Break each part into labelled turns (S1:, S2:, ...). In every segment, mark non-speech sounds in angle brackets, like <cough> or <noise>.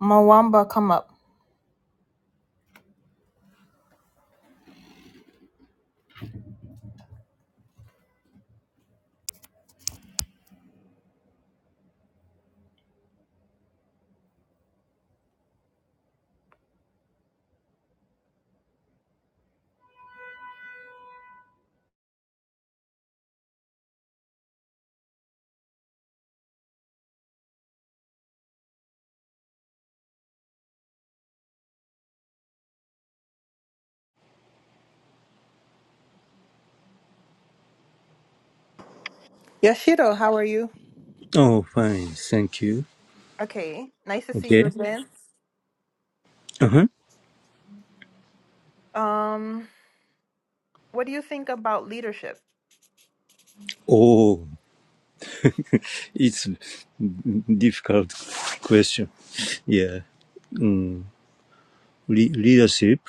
S1: Mwamba, come up. Yashiro, how are you?
S2: Oh, fine. Thank you.
S1: Okay, nice to see you
S2: Okay.
S1: again.
S2: Uh-huh.
S1: Um, what do you think about leadership?
S2: Oh, it's difficult question. Yeah. Mm. Le- leadership.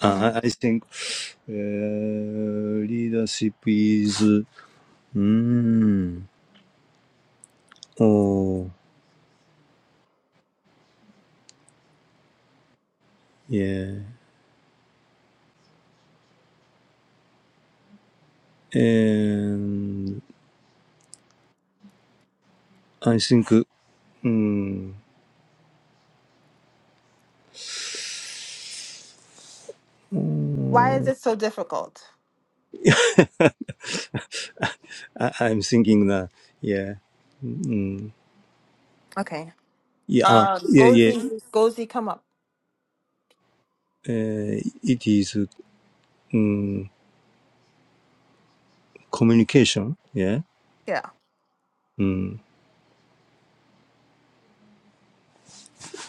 S1: hmm
S2: Uh, I I think uh, leadership is. Mm, oh, yeah. And I think. Mm,
S1: Why is it so difficult?
S2: I- I'm thinking that. Yeah. Mm,
S1: Okay.
S2: yeah. ah,
S1: Uh,
S2: Yeah. Yeah.
S1: Gozi, Gozi, come up.
S2: Uh, it is. mm, communication, yeah,
S1: Yeah.
S2: mm,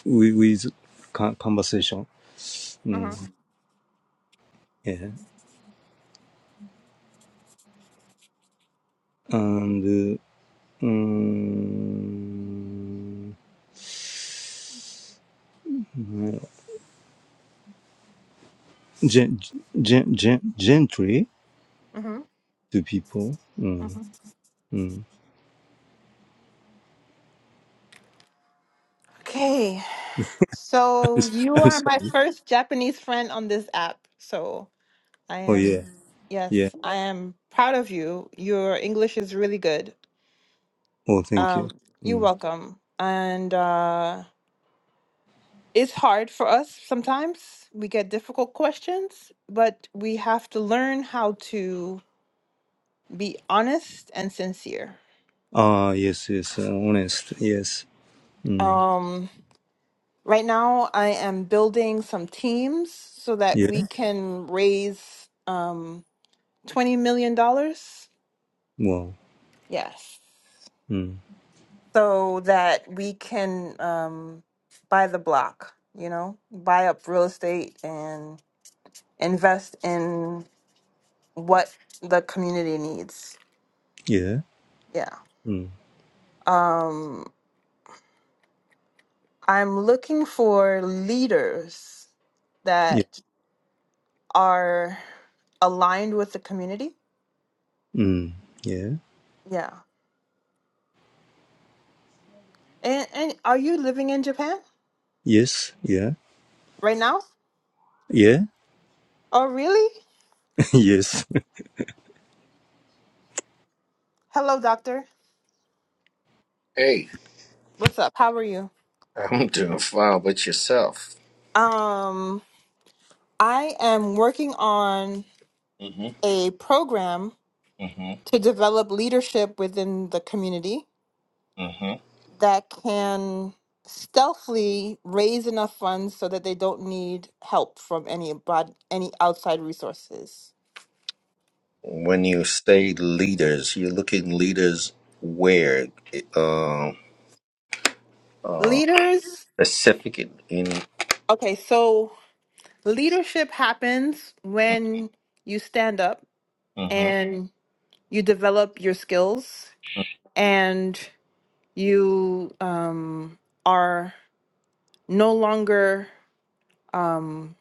S2: with, with con- conversation, mm,
S1: Mm-hmm.
S2: yeah, and uh, um, gen- gen- gen- gently
S1: Mm-hmm.
S2: to people. Mm,
S1: hmm
S2: mm.
S1: Okay. So
S2: <laughs>
S1: you
S2: I'm
S1: are
S2: sorry.
S1: my first Japanese friend on this app. So I
S2: Oh
S1: am,
S2: yeah,
S1: yes,
S2: yeah.
S1: I am proud of you. Your English is really good.
S2: Oh, thank you.
S1: Um, you're
S2: Mm.
S1: welcome. And uh, it's hard for us sometimes. We get difficult questions, but we have to learn how to be honest and sincere.
S2: Ah, yes, yes. uh, honest, yes. Mm.
S1: Um, right now, I am building some teams so that we
S2: Yeah.
S1: can raise um, $20 million. dollars.
S2: Wow.
S1: Yes.
S2: Mm.
S1: So that we can um, buy the block, you know, buy up real estate and invest in what the community needs.
S2: Yeah.
S1: Yeah.
S2: Mm.
S1: Um, I'm looking for leaders
S2: Yeah.
S1: that are aligned with the community.
S2: Mm. Yeah.
S1: Yeah. And, and are you living in Japan
S2: Yes. Yeah.
S1: right now?
S2: Yeah.
S1: Oh, really?
S2: <laughs> yes.
S1: Hello, doctor.
S3: Hey,
S1: What's up? How are you?
S3: I'm doing fine with yourself.
S1: Um, I am working on
S3: hmm
S1: a program
S3: hmm
S1: to develop leadership within the community
S3: hmm
S1: that can stealthily raise enough funds so that they don't need help from any abroad, any outside resources.
S3: When you say leaders, you're looking leaders where, uh, uh,
S1: Leaders,
S3: specific in. in
S1: okay, so leadership happens when you stand up
S3: hmm
S1: and you develop your skills and you um, are no longer um,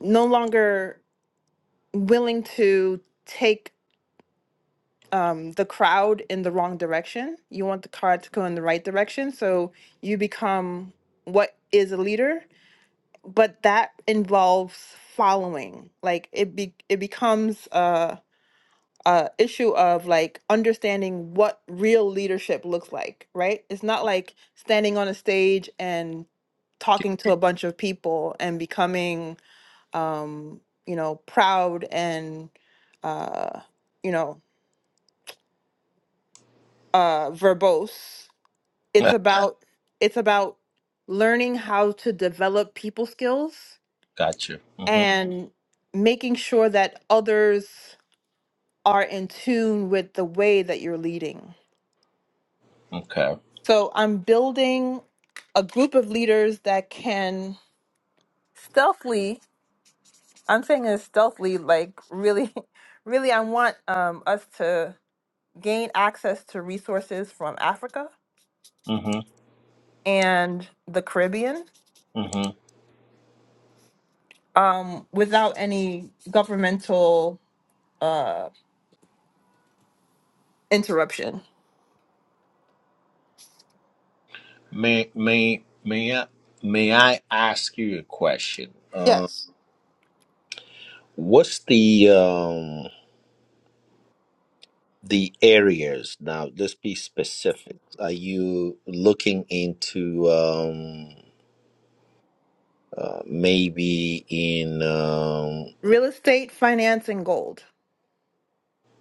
S1: no longer willing to take um, the crowd in the wrong direction. You want the crowd to go in the right direction. So you become what is a leader, but that involves following. Like it be it becomes a, a issue of like understanding what real leadership looks like, right? It's not like standing on a stage and talking to a bunch of people and becoming um, you know, proud and uh, you know, uh verbose
S3: <laughs>
S1: it's about it's about learning how to develop people skills
S3: Gotcha. hmm
S1: and making sure that others are in tune with the way that you're leading
S3: Okay.
S1: so i'm building a group of leaders that can stealthily i'm saying this stealthily like really <laughs> really i want um, us to gain access to resources from africa
S3: hmm
S1: and the caribbean
S3: hmm
S1: um, without any governmental uh, interruption.
S3: May may may I may I ask you a question? Uh,
S1: Yes.
S3: what's the um? the areas now let's be specific are you looking into um uh, maybe in um
S1: Real estate, finance, and gold.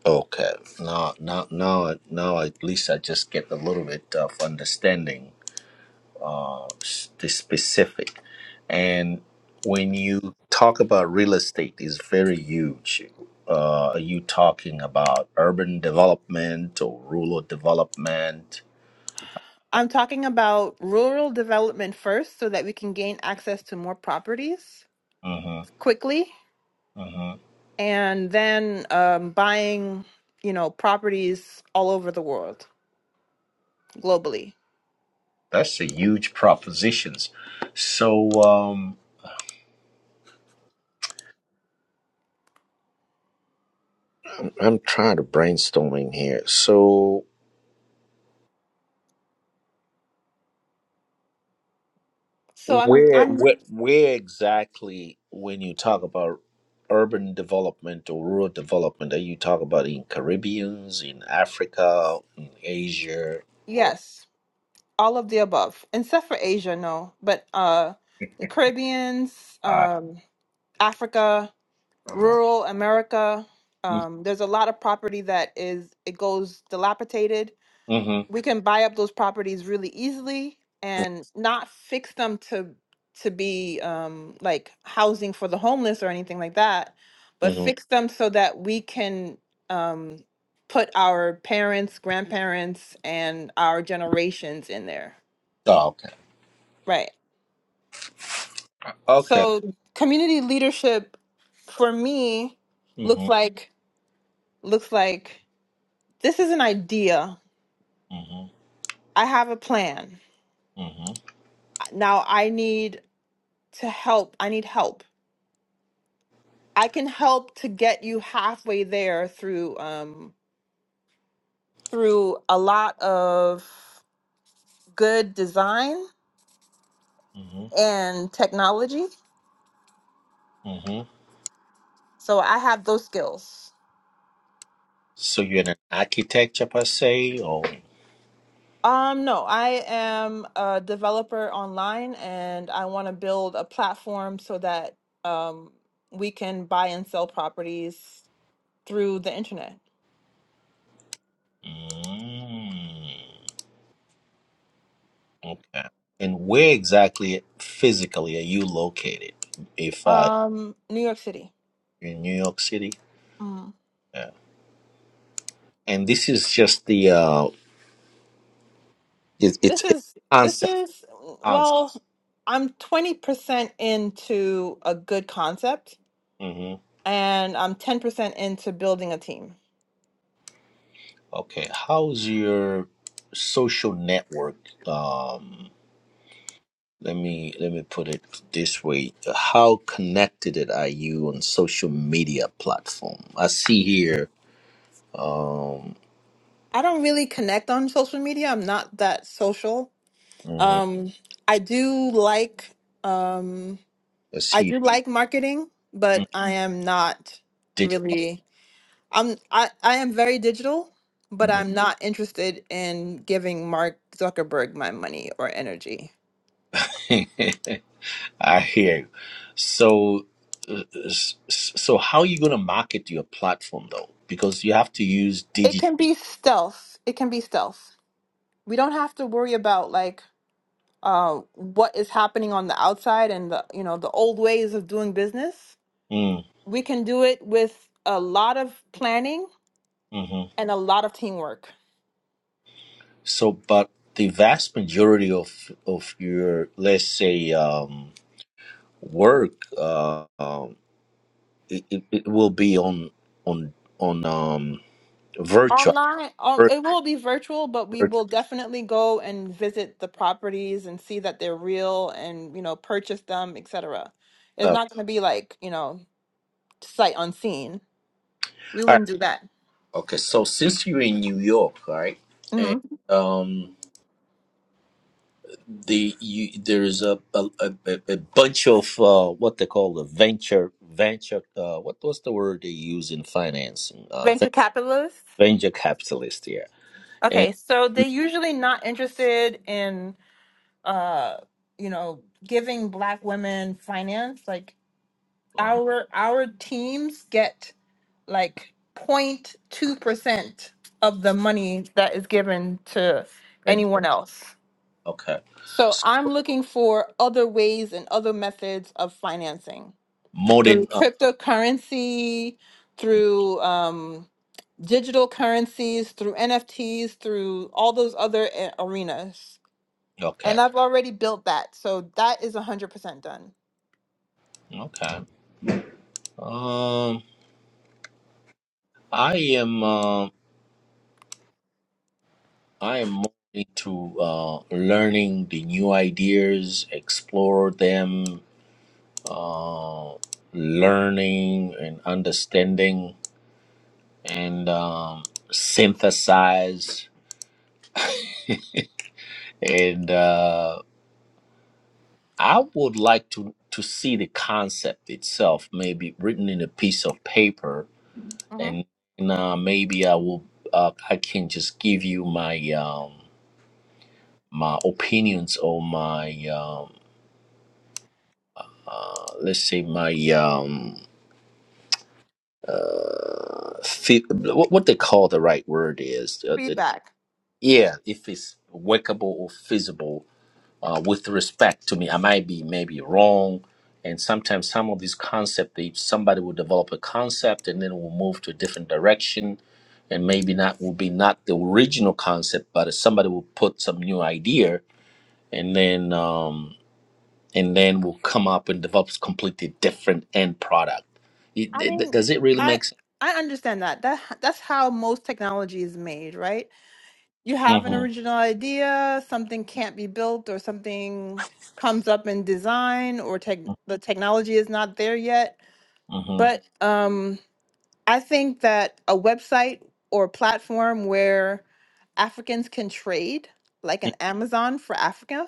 S3: okay now now now now at least i just get a little bit of understanding uh s- the specific and when you talk about real estate is very huge uh, are you talking about urban development or rural development?
S1: I'm talking about rural development first so that we can gain access to more properties
S3: Mm-hmm.
S1: quickly
S3: mm-hmm.
S1: and then um, buying, you know, properties all over the world globally.
S3: That's a huge propositions. So um I'm trying to brainstorming here. So
S1: So I'm,
S3: where
S1: I'm,
S3: where where exactly when you talk about urban development or rural development are you talking about in Caribbeans, in Africa, in Asia or
S1: yes, all of the above, except for Asia, no, but uh, the Caribbeans,
S3: uh
S1: um, Africa,
S3: uh-huh.
S1: rural America. Um, there's a lot of property that is it goes dilapidated.
S3: Mhm.
S1: We can buy up those properties really easily and not fix them to to be um, like housing for the homeless or anything like that, but
S3: Mm-hmm.
S1: fix them so that we can um, put our parents, grandparents, and our generations in there.
S3: Oh, okay.
S1: Right.
S3: Okay.
S1: So community leadership for me
S3: hmm
S1: looks like looks like This is an idea.
S3: hmm
S1: I have a plan.
S3: hmm
S1: Now I need to help. I need help. I can help to get you halfway there through um, through a lot of good design
S3: hmm
S1: and technology.
S3: hmm
S1: So I have those skills.
S3: So you're an architecture per se, or?
S1: Um, no, I am a developer online and I want to build a platform so that um, we can buy and sell properties through the internet.
S3: Mm, okay. And where exactly physically are you located? If uh,
S1: Um, New York City.
S3: you're in New York City,
S1: Mm.
S3: yeah. And this is just the uh, it, it's
S1: This
S3: it's
S1: is this
S3: concept
S1: is
S3: concept.
S1: well, I'm 20% into a good concept
S3: hmm
S1: and I'm 10% into building a team.
S3: Okay. How's your social network? Um, let me let me put it this way: How connected are you on social media platform? I see here. Um,
S1: I don't really connect on social media. I'm not that social.
S3: mhm,
S1: Um I do like um
S3: I
S1: I
S3: see
S1: do like marketing, but I am not
S3: digital.
S1: really I'm I I am very digital, but I'm Mhm. not interested in giving Mark Zuckerberg my money or energy.
S3: <laughs> I hear. you. So, uh, s- s- so how are you going to market your platform though? Because you have to use
S1: It
S3: digital.
S1: can be stealth. It can be stealth. We don't have to worry about like uh what is happening on the outside and the you know the old ways of doing business.
S3: Mm,
S1: We can do it with a lot of planning
S3: hmm
S1: and a lot of teamwork.
S3: So, but the vast majority of of your, let's say, um, work, uh, um, it, it, it will be on on on um, virtual.
S1: Online, um,
S3: vir-
S1: it will be virtual, but we
S3: virtual
S1: will definitely go and visit the properties and see that they're real and you know purchase them, etc. It's
S3: stuff.
S1: not going to be like you know sight unseen. We
S3: All right.
S1: wouldn't do that.
S3: Okay. So, since you're in New York, right, and
S1: hmm
S3: um. the you, there's a a, a a bunch of uh, what they call the venture venture uh, what what's the word they use in financing uh, ven-
S1: Venture capitalists.
S3: venture capitalist yeah and
S1: Okay, so they're usually not interested in, uh, you know, giving Black women finance. Like
S3: uh
S1: our our teams get like zero point 02 percent of the money that is given to
S3: venture
S1: anyone else.
S3: okay
S1: So
S3: S-
S1: I'm looking for other ways and other methods of financing
S3: more than
S1: through
S3: uh,
S1: cryptocurrency, through um, digital currencies, through NFTs, through all those other uh, arenas.
S3: okay
S1: And I've already built that. So that is 100% done.
S3: okay um I am uh, I am more into uh, learning the new ideas explore them uh, learning and understanding and um, synthesize. And uh, I would like to to see the concept itself, maybe written in a piece of paper,
S1: hmm
S3: and, and uh, maybe I will. Uh, I can just give you my um, my opinions or my um, uh, let's say my um, uh, fit, what what they call the right word is uh, the
S1: Feedback.
S3: yeah if it's workable or feasible uh, with respect to me. I might be maybe wrong. And sometimes some of these concepts, they, somebody will develop a concept and then will move to a different direction. And maybe not will be not the original concept, but somebody will put some new idea and then um, and then will come up and develop a completely different end product. It-
S1: I
S3: it-
S1: mean,
S3: it- does it really
S1: I
S3: make sense?
S1: I understand that. That that's how most technology is made, right? You have an
S3: Mm-hmm.
S1: original idea, something can't be built or something comes up in design or tech the technology is not there yet.
S3: Mm-hmm.
S1: But um I think that a website or platform where Africans can trade, like an Amazon for Africa,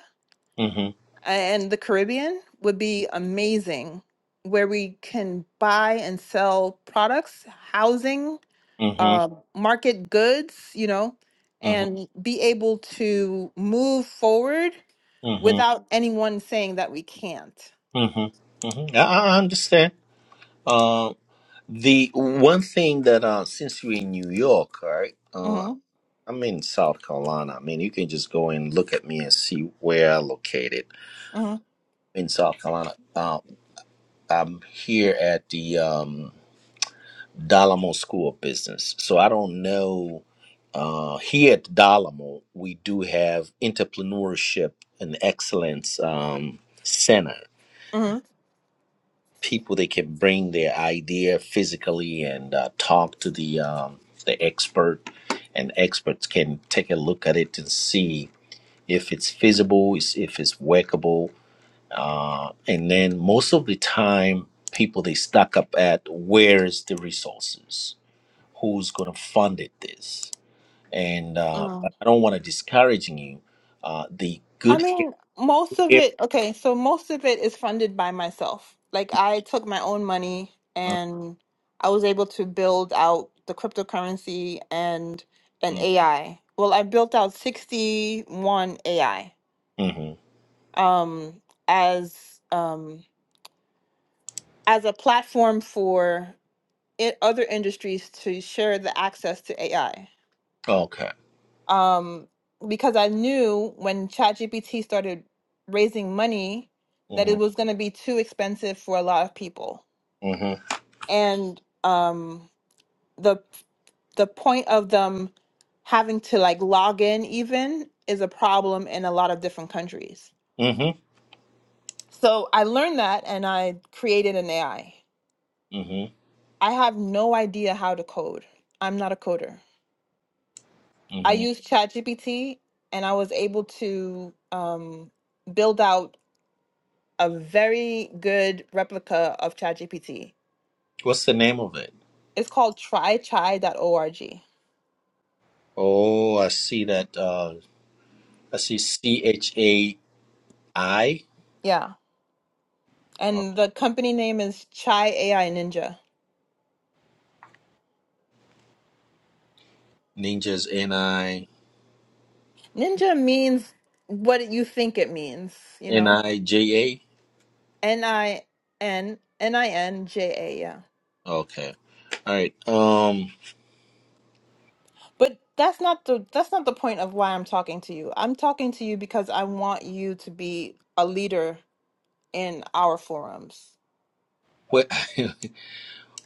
S3: Mm-hmm.
S1: and the Caribbean would be amazing, where we can buy and sell products, housing,
S3: Mm-hmm.
S1: uh, market goods, you know,
S3: Mm-hmm.
S1: and be able to move forward
S3: Mm-hmm.
S1: without anyone saying that we can't.
S3: Mm-hmm. I, I I understand. Uh, The one thing that uh, since you're in New York, all right, uh,
S1: Mm-hmm,
S3: I'm in South Carolina. I mean, you can just go and look at me and see where I'm located
S1: mm-hmm,
S3: in South Carolina. Uh, I'm here at the um, Dalamo School of Business, so I don't know. Uh, here at Dalamo, we do have entrepreneurship and excellence um, center.
S1: mm-hmm,
S3: people that can bring their idea physically and uh, talk to the um, the expert, and experts can take a look at it and see if it's feasible, is- if it's workable, uh, and then most of the time, people they stuck up at where's the resources, who's going to fund it this, and uh,
S1: mm-hmm.
S3: but I don't want to discouraging you. Uh, the
S1: I
S3: good
S1: mean, most of
S3: area.
S1: it, okay, so most of it is funded by myself. Like I took my own money
S3: Mm-hmm.
S1: and I was able to build out the cryptocurrency and an
S3: mm-hmm,
S1: AI. Well, I built out 61 AI
S3: mm-hmm,
S1: um as um as a platform for it, other industries to share the access to AI.
S3: Okay.
S1: um, because I knew when ChatGPT started raising money that
S3: Mm-hmm.
S1: it was going to be too expensive for a lot of people,
S3: Mm-hmm.
S1: and um, the the point of them having to like log in even is a problem in a lot of different countries.
S3: Mm-hmm.
S1: So I learned that, and I created an AI. I
S3: mm-hmm.
S1: I have no idea how to code. I'm not a coder. I
S3: hmm
S1: used ChatGPT, and I was able to um, build out a very good replica of ChatGPT.
S3: What's the name of it?
S1: It's called trychai.org.
S3: Oh, I see that. Uh, I see C H A I
S1: Yeah.
S3: uh,
S1: And the company name is Chai AI Ninja.
S3: Ninjas N I
S1: Ninja means what you think it means, you
S3: N
S1: know?
S3: I J
S1: N I N N I N J A, yeah.
S3: A. Okay, all right. Um,
S1: But that's not the that's not the point of why I'm talking to you. I'm talking to you because I want you to be a leader in our forums.
S3: well, <laughs>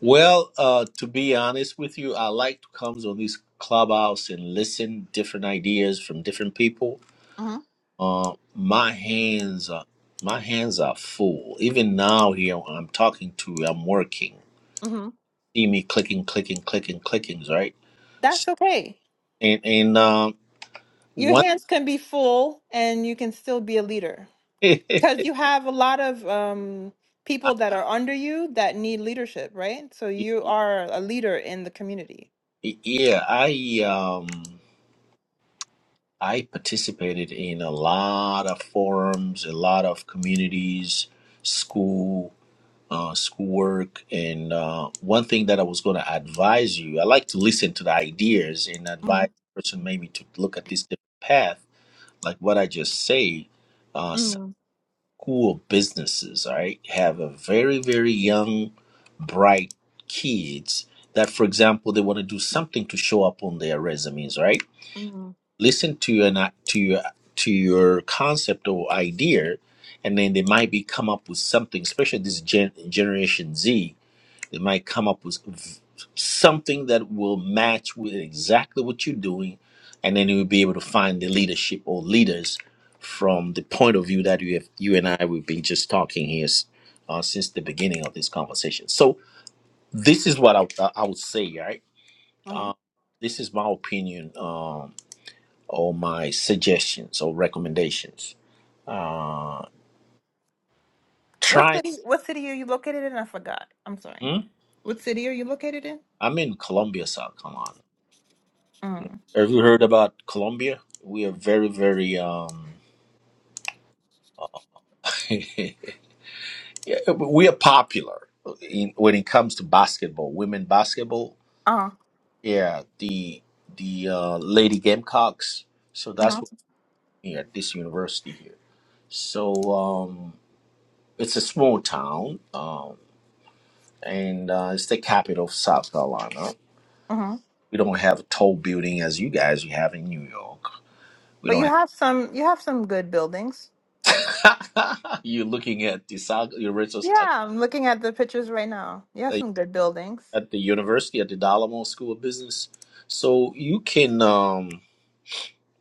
S3: well, uh, to be honest with you, I like to come on these clubhouse and listen different ideas from different people.
S1: Mhm.
S3: Uh, my hands are my hands are full. Even now, here I'm talking to, I'm working.
S1: Mhm.
S3: See me clicking, clicking, clicking, clickings, right?
S1: That's okay.
S3: And and um
S1: your
S3: one
S1: hands can be full and you can still be a leader
S3: <laughs>
S1: because
S3: I,
S1: you have a lot of um, people that are under you that need leadership, right? So you are a leader in the community.
S3: yeah, I um I participated in a lot of forums, a lot of communities, school, uh, schoolwork, and uh, one thing that I was going to advise you, I like to listen to the ideas and
S1: hmm
S3: advise the person maybe to look at this different path, like what I just say. uh,
S1: hmm
S3: school businesses, all right, have a very, very young, bright kids that, for example, they want to do something to show up on their resumes, right?
S1: hmm
S3: Listen to your not- to your to your concept or idea, and then they might be come up with something, especially this gen, generation Z. They might come up with something that will match with exactly what you're doing, and then you'll be able to find the leadership or leaders from the point of view that you have. You and I we've been just talking here uh, since the beginning of this conversation. So this is what I, uh, I would say, right?
S1: hmm
S3: Um, this is my opinion um, or my suggestions or recommendations. Uh,
S1: What
S3: try.
S1: city? What city are you located in? I forgot. I'm sorry.
S3: Hmm?
S1: What city are you located in?
S3: I'm in Columbia, South Carolina.
S1: Mm.
S3: Have you heard about Colombia? We are very, very um, <laughs> yeah, we are popular in, when it comes to basketball, women basketball.
S1: Uh-huh.
S3: Yeah, the the uh, Lady Gamecocks. So that's
S1: Uh-huh.
S3: what we at this university here. So um, it's a small town, um, and uh, it's the capital of South Carolina.
S1: Uh-huh.
S3: We don't have a tall building as you guys you have in New York. We
S1: But you
S3: don't
S1: have some. You have some good buildings.
S3: have. <laughs> you're looking at the South, your South.
S1: Yeah, I'm looking at the pictures right now. You have some good buildings.
S3: at the university at the Dalamo School of Business. So you can um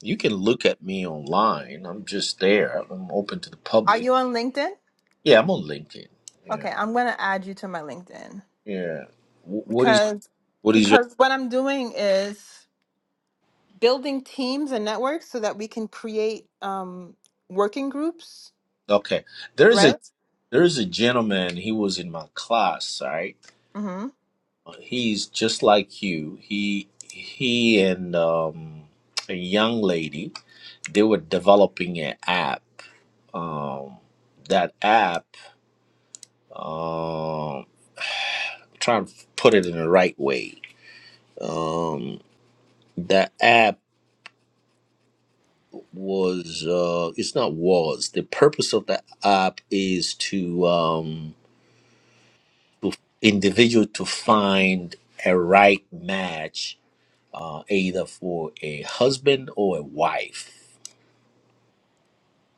S3: you can look at me online. I'm just there. I'm open to the
S1: Are
S3: public.
S1: you on LinkedIn?
S3: Yeah, I'm on LinkedIn. Yeah,
S1: Okay, I'm gonna add you to my LinkedIn.
S3: yeah. Wh- What is
S1: because
S3: what is your
S1: because what I'm doing is building teams and networks so that we can create um, working groups,
S3: okay? There's a
S1: right?
S3: there's a gentleman. He was in my class. Right?
S1: Mm-hmm.
S3: He's just like you. He he and um a young lady. They were developing an app. Um, that app. um, trying to put it in the right way. Um, the app was uh, it's not was the purpose of the app is to um, individual to find a right match uh, either for a husband or a wife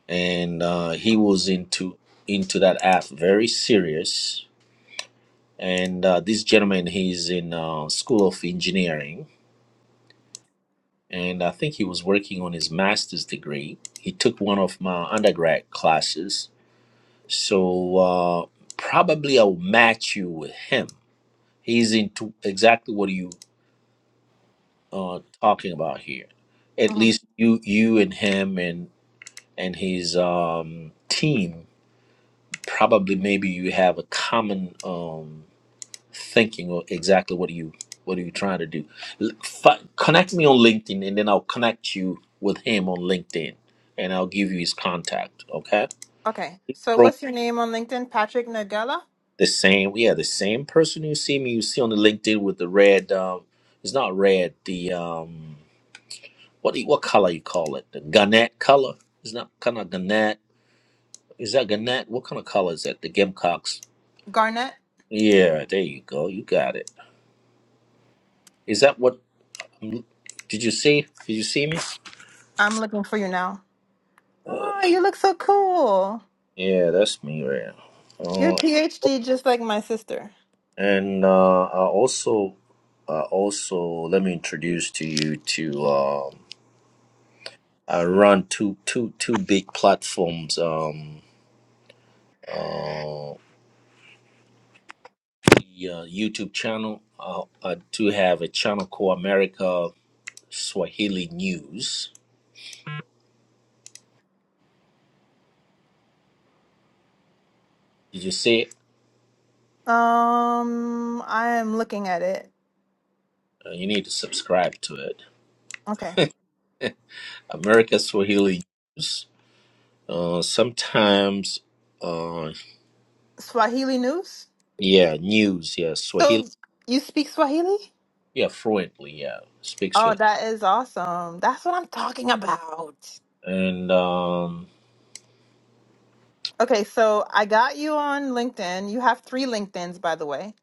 S3: and uh, he was into into that app very serious and uh, this gentleman he's in uh, school of engineering and I think he was working on his master's degree. He took one of my undergrad classes, so uh, probably I'll match you with him. He's into exactly what you uh, talking about here. At
S1: Mm-hmm.
S3: least you, you and him and and his um, team probably maybe you have a common. Um, thinking or exactly what are you what are you trying to do L- fi- connect me on linkedin and then i'll connect you with him on linkedin and i'll give you his contact okay
S1: Okay.
S3: He's
S1: So
S3: from
S1: what's your name on LinkedIn? Patrick Nagella
S3: the same yeah the same person you see me you see on the linkedin with the red um it's not red the um what do you, what color you call it the garnet color it's not kind of garnet is that garnet what kind of color is that the gamecocks
S1: Garnett.
S3: yeah there you go you got it is that what did you see did you see me
S1: I'm looking for you now. Oh, you look so cool.
S3: Yeah, that's me, right? now.
S1: You're a
S3: Uh,
S1: PhD, just like my sister.
S3: and uh, I also, I also let me introduce to you to um, I run two two two big platforms. Um, uh, the uh, YouTube channel. Uh, I do have a channel called America Swahili News. Did you see it?
S1: Um, I am looking at it.
S3: Uh, you need to subscribe to it.
S1: Okay.
S3: America Swahili News. Uh, sometimes, uh,
S1: Swahili news.
S3: yeah, news. Yeah, Swahili.
S1: So you speak Swahili?
S3: Yeah, fluently. Yeah, speak
S1: Oh,
S3: sweet.
S1: that is awesome. That's what I'm talking about.
S3: And um,
S1: Okay, so I got you on LinkedIn. You have three LinkedIns, by the way.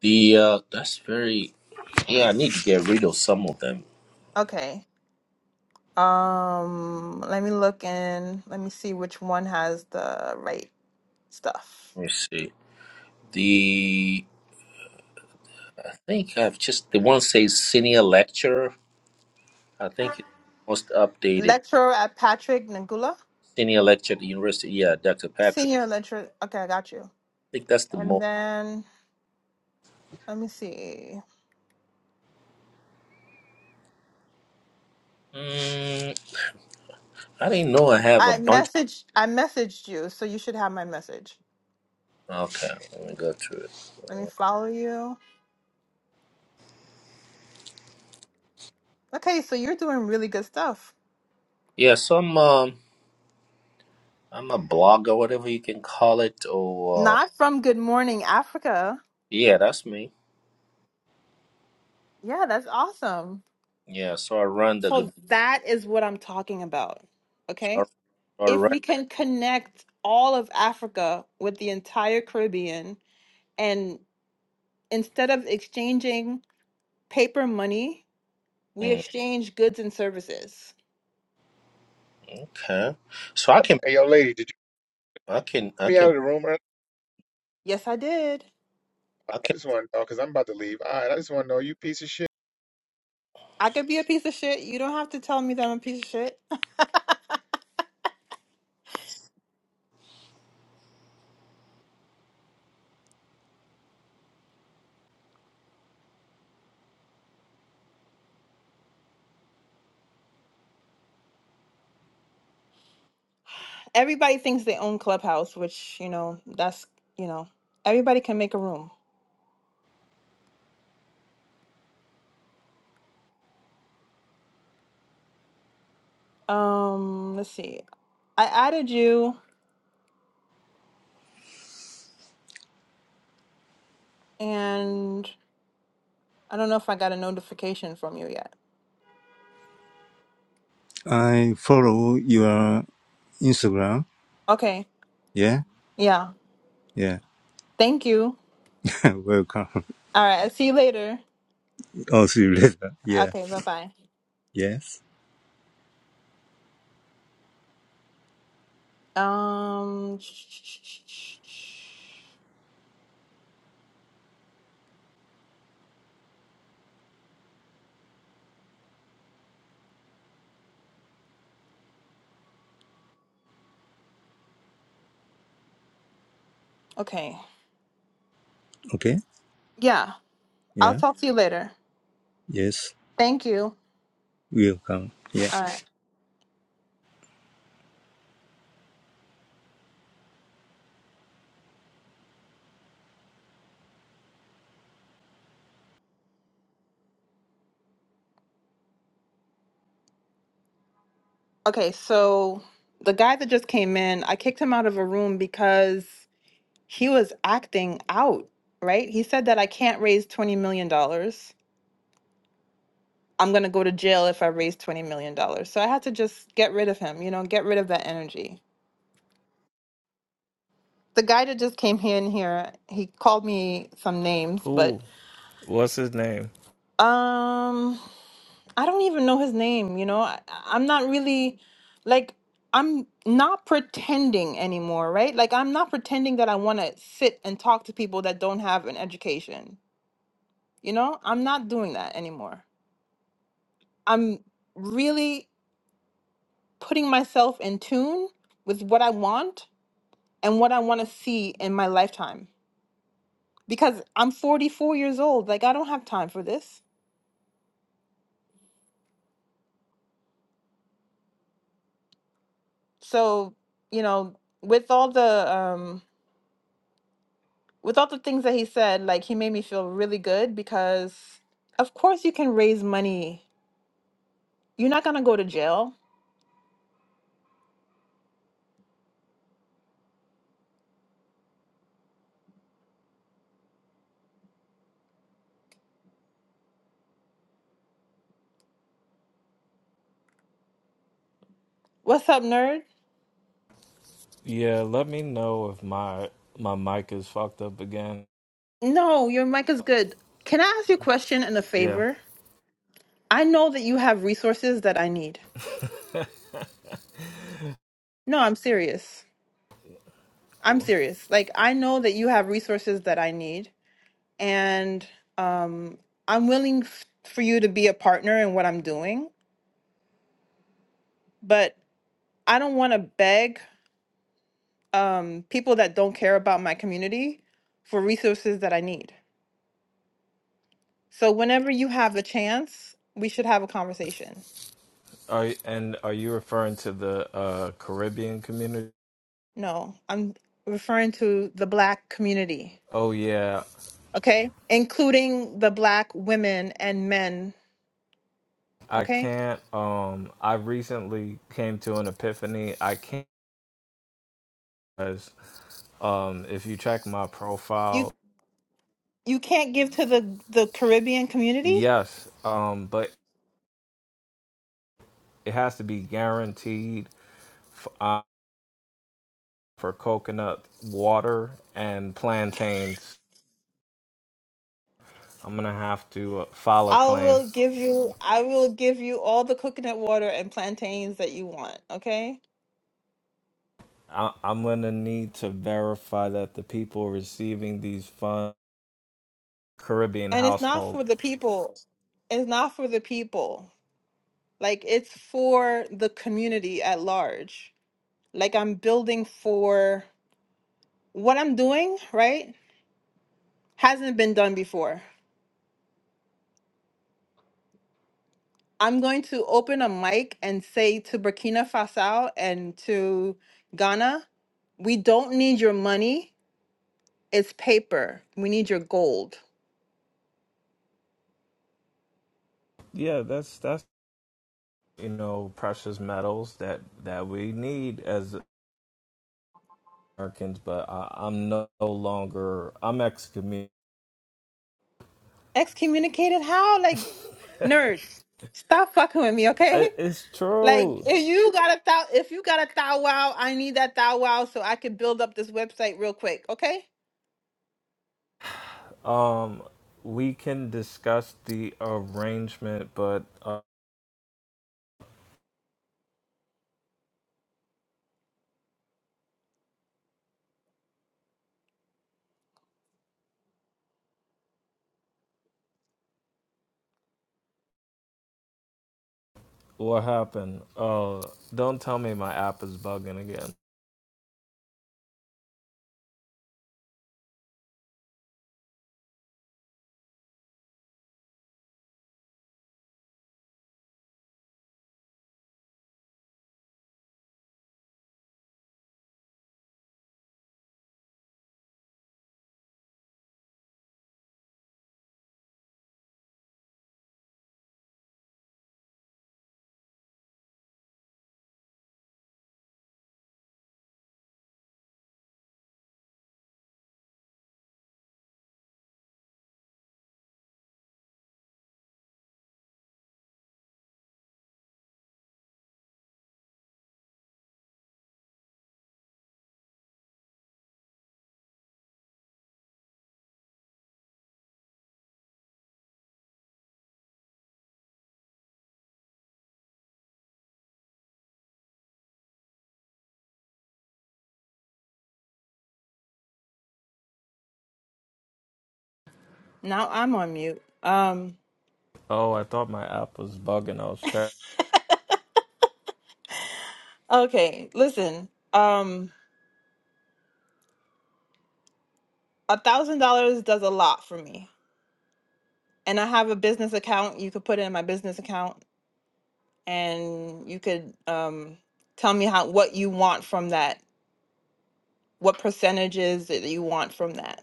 S3: the uh, that's very. Yeah, I need to get rid of some of them.
S1: Okay. Um, let me look in. Let me see which one has the right stuff.
S3: Let me see. The I think I've just the one says senior lecturer. I think it's most updated
S1: Lecturer at Patrick Ngula,
S3: senior lecturer at the university. Yeah, Dr. Patrick.
S1: senior
S3: I
S1: lecturer. Okay, I got you.
S3: think that's the
S1: And
S3: most.
S1: then let me see.
S3: Mm, I didn't know I have a
S1: I
S3: bunch.
S1: messaged. I messaged you, so you should have my message.
S3: Okay, let me go through it.
S1: Let me follow you. Okay, so you're doing really good stuff.
S3: Yeah, some um, I'm a blogger, whatever you can call it, or uh,
S1: Not from Good Morning Africa.
S3: yeah, that's me.
S1: Yeah, that's awesome.
S3: Yeah, so I run the
S1: So
S3: good.
S1: that is what I'm talking about. Okay.
S3: All
S1: If
S3: right.
S1: we can connect all of Africa with the entire Caribbean, and instead of exchanging paper money, we
S3: Mm,
S1: exchange goods and services.
S3: okay. So I can
S4: Hey, yo, lady, did you
S3: I can I
S4: kick me
S3: can
S4: out of the room? I
S1: Yes, I did.
S3: I can
S4: I just want to know because I'm about to leave. All right, I just want to know you piece of shit.
S1: I could be a piece of shit. You don't have to tell me that I'm a piece of shit. <laughs> Everybody thinks they own Clubhouse, which, you know, that's, you know, everybody can make a room. Um, let's see. I added you and I don't know if I got a notification from you yet.
S2: I follow your Instagram.
S1: Okay.
S2: Yeah,
S1: Yeah.
S2: yeah.
S1: Thank you.
S2: <laughs> welcome.
S1: All right. I'll see you later.
S2: I'll see you later. Yeah.
S1: Okay. Bye bye.
S2: Yes.
S1: Um. Okay.
S2: Okay.
S1: Yeah. I'll
S2: Yeah.
S1: talk to you later.
S2: Yes.
S1: Thank you.
S2: Welcome. Yeah.
S1: All right. Okay. So the guy that just came in, I kicked him out of a room because he was acting out. Right? He said that I can't raise twenty million dollars. I'm gonna go to jail if I raise twenty million dollars. So I had to just get rid of him. You know, get rid of that energy. the guy that just came here in here, he called me some names, but
S5: Who? What's his name?
S1: um, I don't even know his name. You know, I, I'm not really like I'm not pretending anymore, right? Like I'm not pretending that I want to sit and talk to people that don't have an education. You know, I'm not doing that anymore. I'm really putting myself in tune with what I want and what I want to see in my lifetime because I'm 44 years old. Like I don't have time for this so you know with all the um with all the things that he said like he made me feel really good because of course you can raise money you're not gonna go to jail what's up nerd
S5: Yeah, let me know if my my mic is fucked up again.
S1: no your mic is good can i ask you a question and a
S5: Yeah.
S1: favor i know that you have resources that i need
S5: <laughs>
S1: no i'm serious i'm serious like i know that you have resources that i need and um i'm willing f- for you to be a partner in what i'm doing but I don't want to beg um, people that don't care about my community for resources that I need. So whenever you have a chance, we should have a conversation.
S5: Are and are you referring to the uh, Caribbean community?
S1: No, I'm referring to the black community,
S5: Oh yeah,
S1: okay? Including the black women and men,
S5: I
S1: okay?
S5: can't. Um, I recently came to an epiphany. I can't. Because, um, if you check my
S1: You
S5: profile,
S1: you can't give to the the Caribbean community?
S5: yes. Um, but it has to be guaranteed f- uh, for coconut water and plantains I'm gonna have to uh, file a
S1: I
S5: claim.
S1: will give you I will give you all the coconut water and plantains that you want, okay?
S5: I- I'm gonna need to verify that the people receiving these funds, Caribbean
S1: And it's not
S5: household,
S1: for the people. It's not for the people. Like it's for the community at large. Like I'm building for what I'm doing, right? Hasn't been done before. I'm going to open a mic and say to Burkina Faso and to Ghana, we don't need your money. It's paper. We need your gold.
S5: yeah, that's that's you know precious metals that that we need as Americans. But I, I'm no longer I'm excommunicated.
S1: Excommunicated how?
S5: <laughs>
S1: Like nerds, stop fucking with me, okay? <laughs>
S5: it's
S1: Like
S5: true.
S1: if you got a thou if you got a thou wow, I need that thou wow so I can build up this website real quick, okay?
S5: Um, we can discuss the arrangement, but uh, what happened? Oh, don't tell me my app is bugging again.
S1: Now I'm on mute. Um,
S5: Oh, I thought my app was bugging. I was checking.
S1: okay, listen. Um, a thousand dollars does a lot for me, and I have a business account. You could put it in my business account, and you could um tell me how what you want from that, what percentages that you want from that.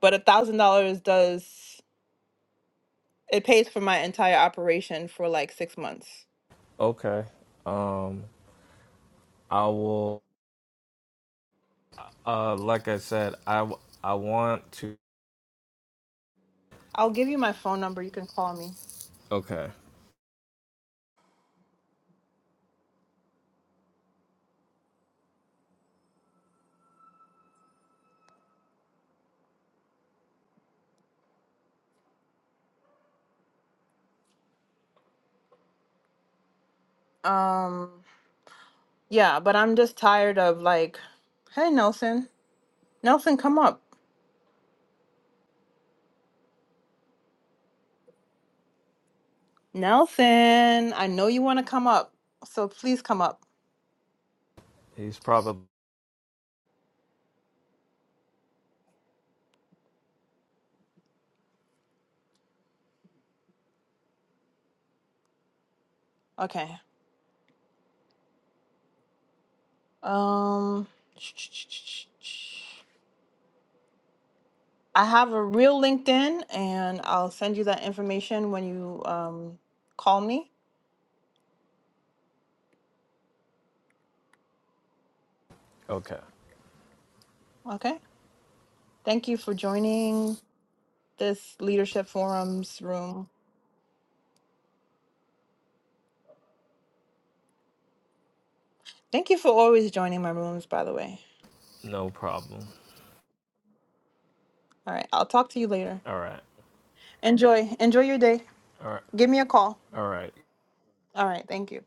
S1: But a thousand dollars does it pays for my entire operation for like six months.
S5: Okay. Um, I will. Uh, like I said, I w- I want to.
S1: I'll give you my phone number. You can call me.
S5: Okay.
S1: Um, yeah, but I'm just tired of like, hey Nelson, Nelson, come up. Nelson, I know you want to come up, so please come up.
S5: He's probably
S1: Okay. Um, I have a real LinkedIn, and I'll send you that information when you um, call me.
S5: okay.
S1: Okay. Thank you for joining this leadership forums room. Thank you for always joining my rooms, by the way.
S5: No problem.
S1: All right. I'll talk to you later.
S5: All right.
S1: Enjoy. Enjoy your day.
S5: All right.
S1: Give me a call.
S5: All right.
S1: All right. Thank you.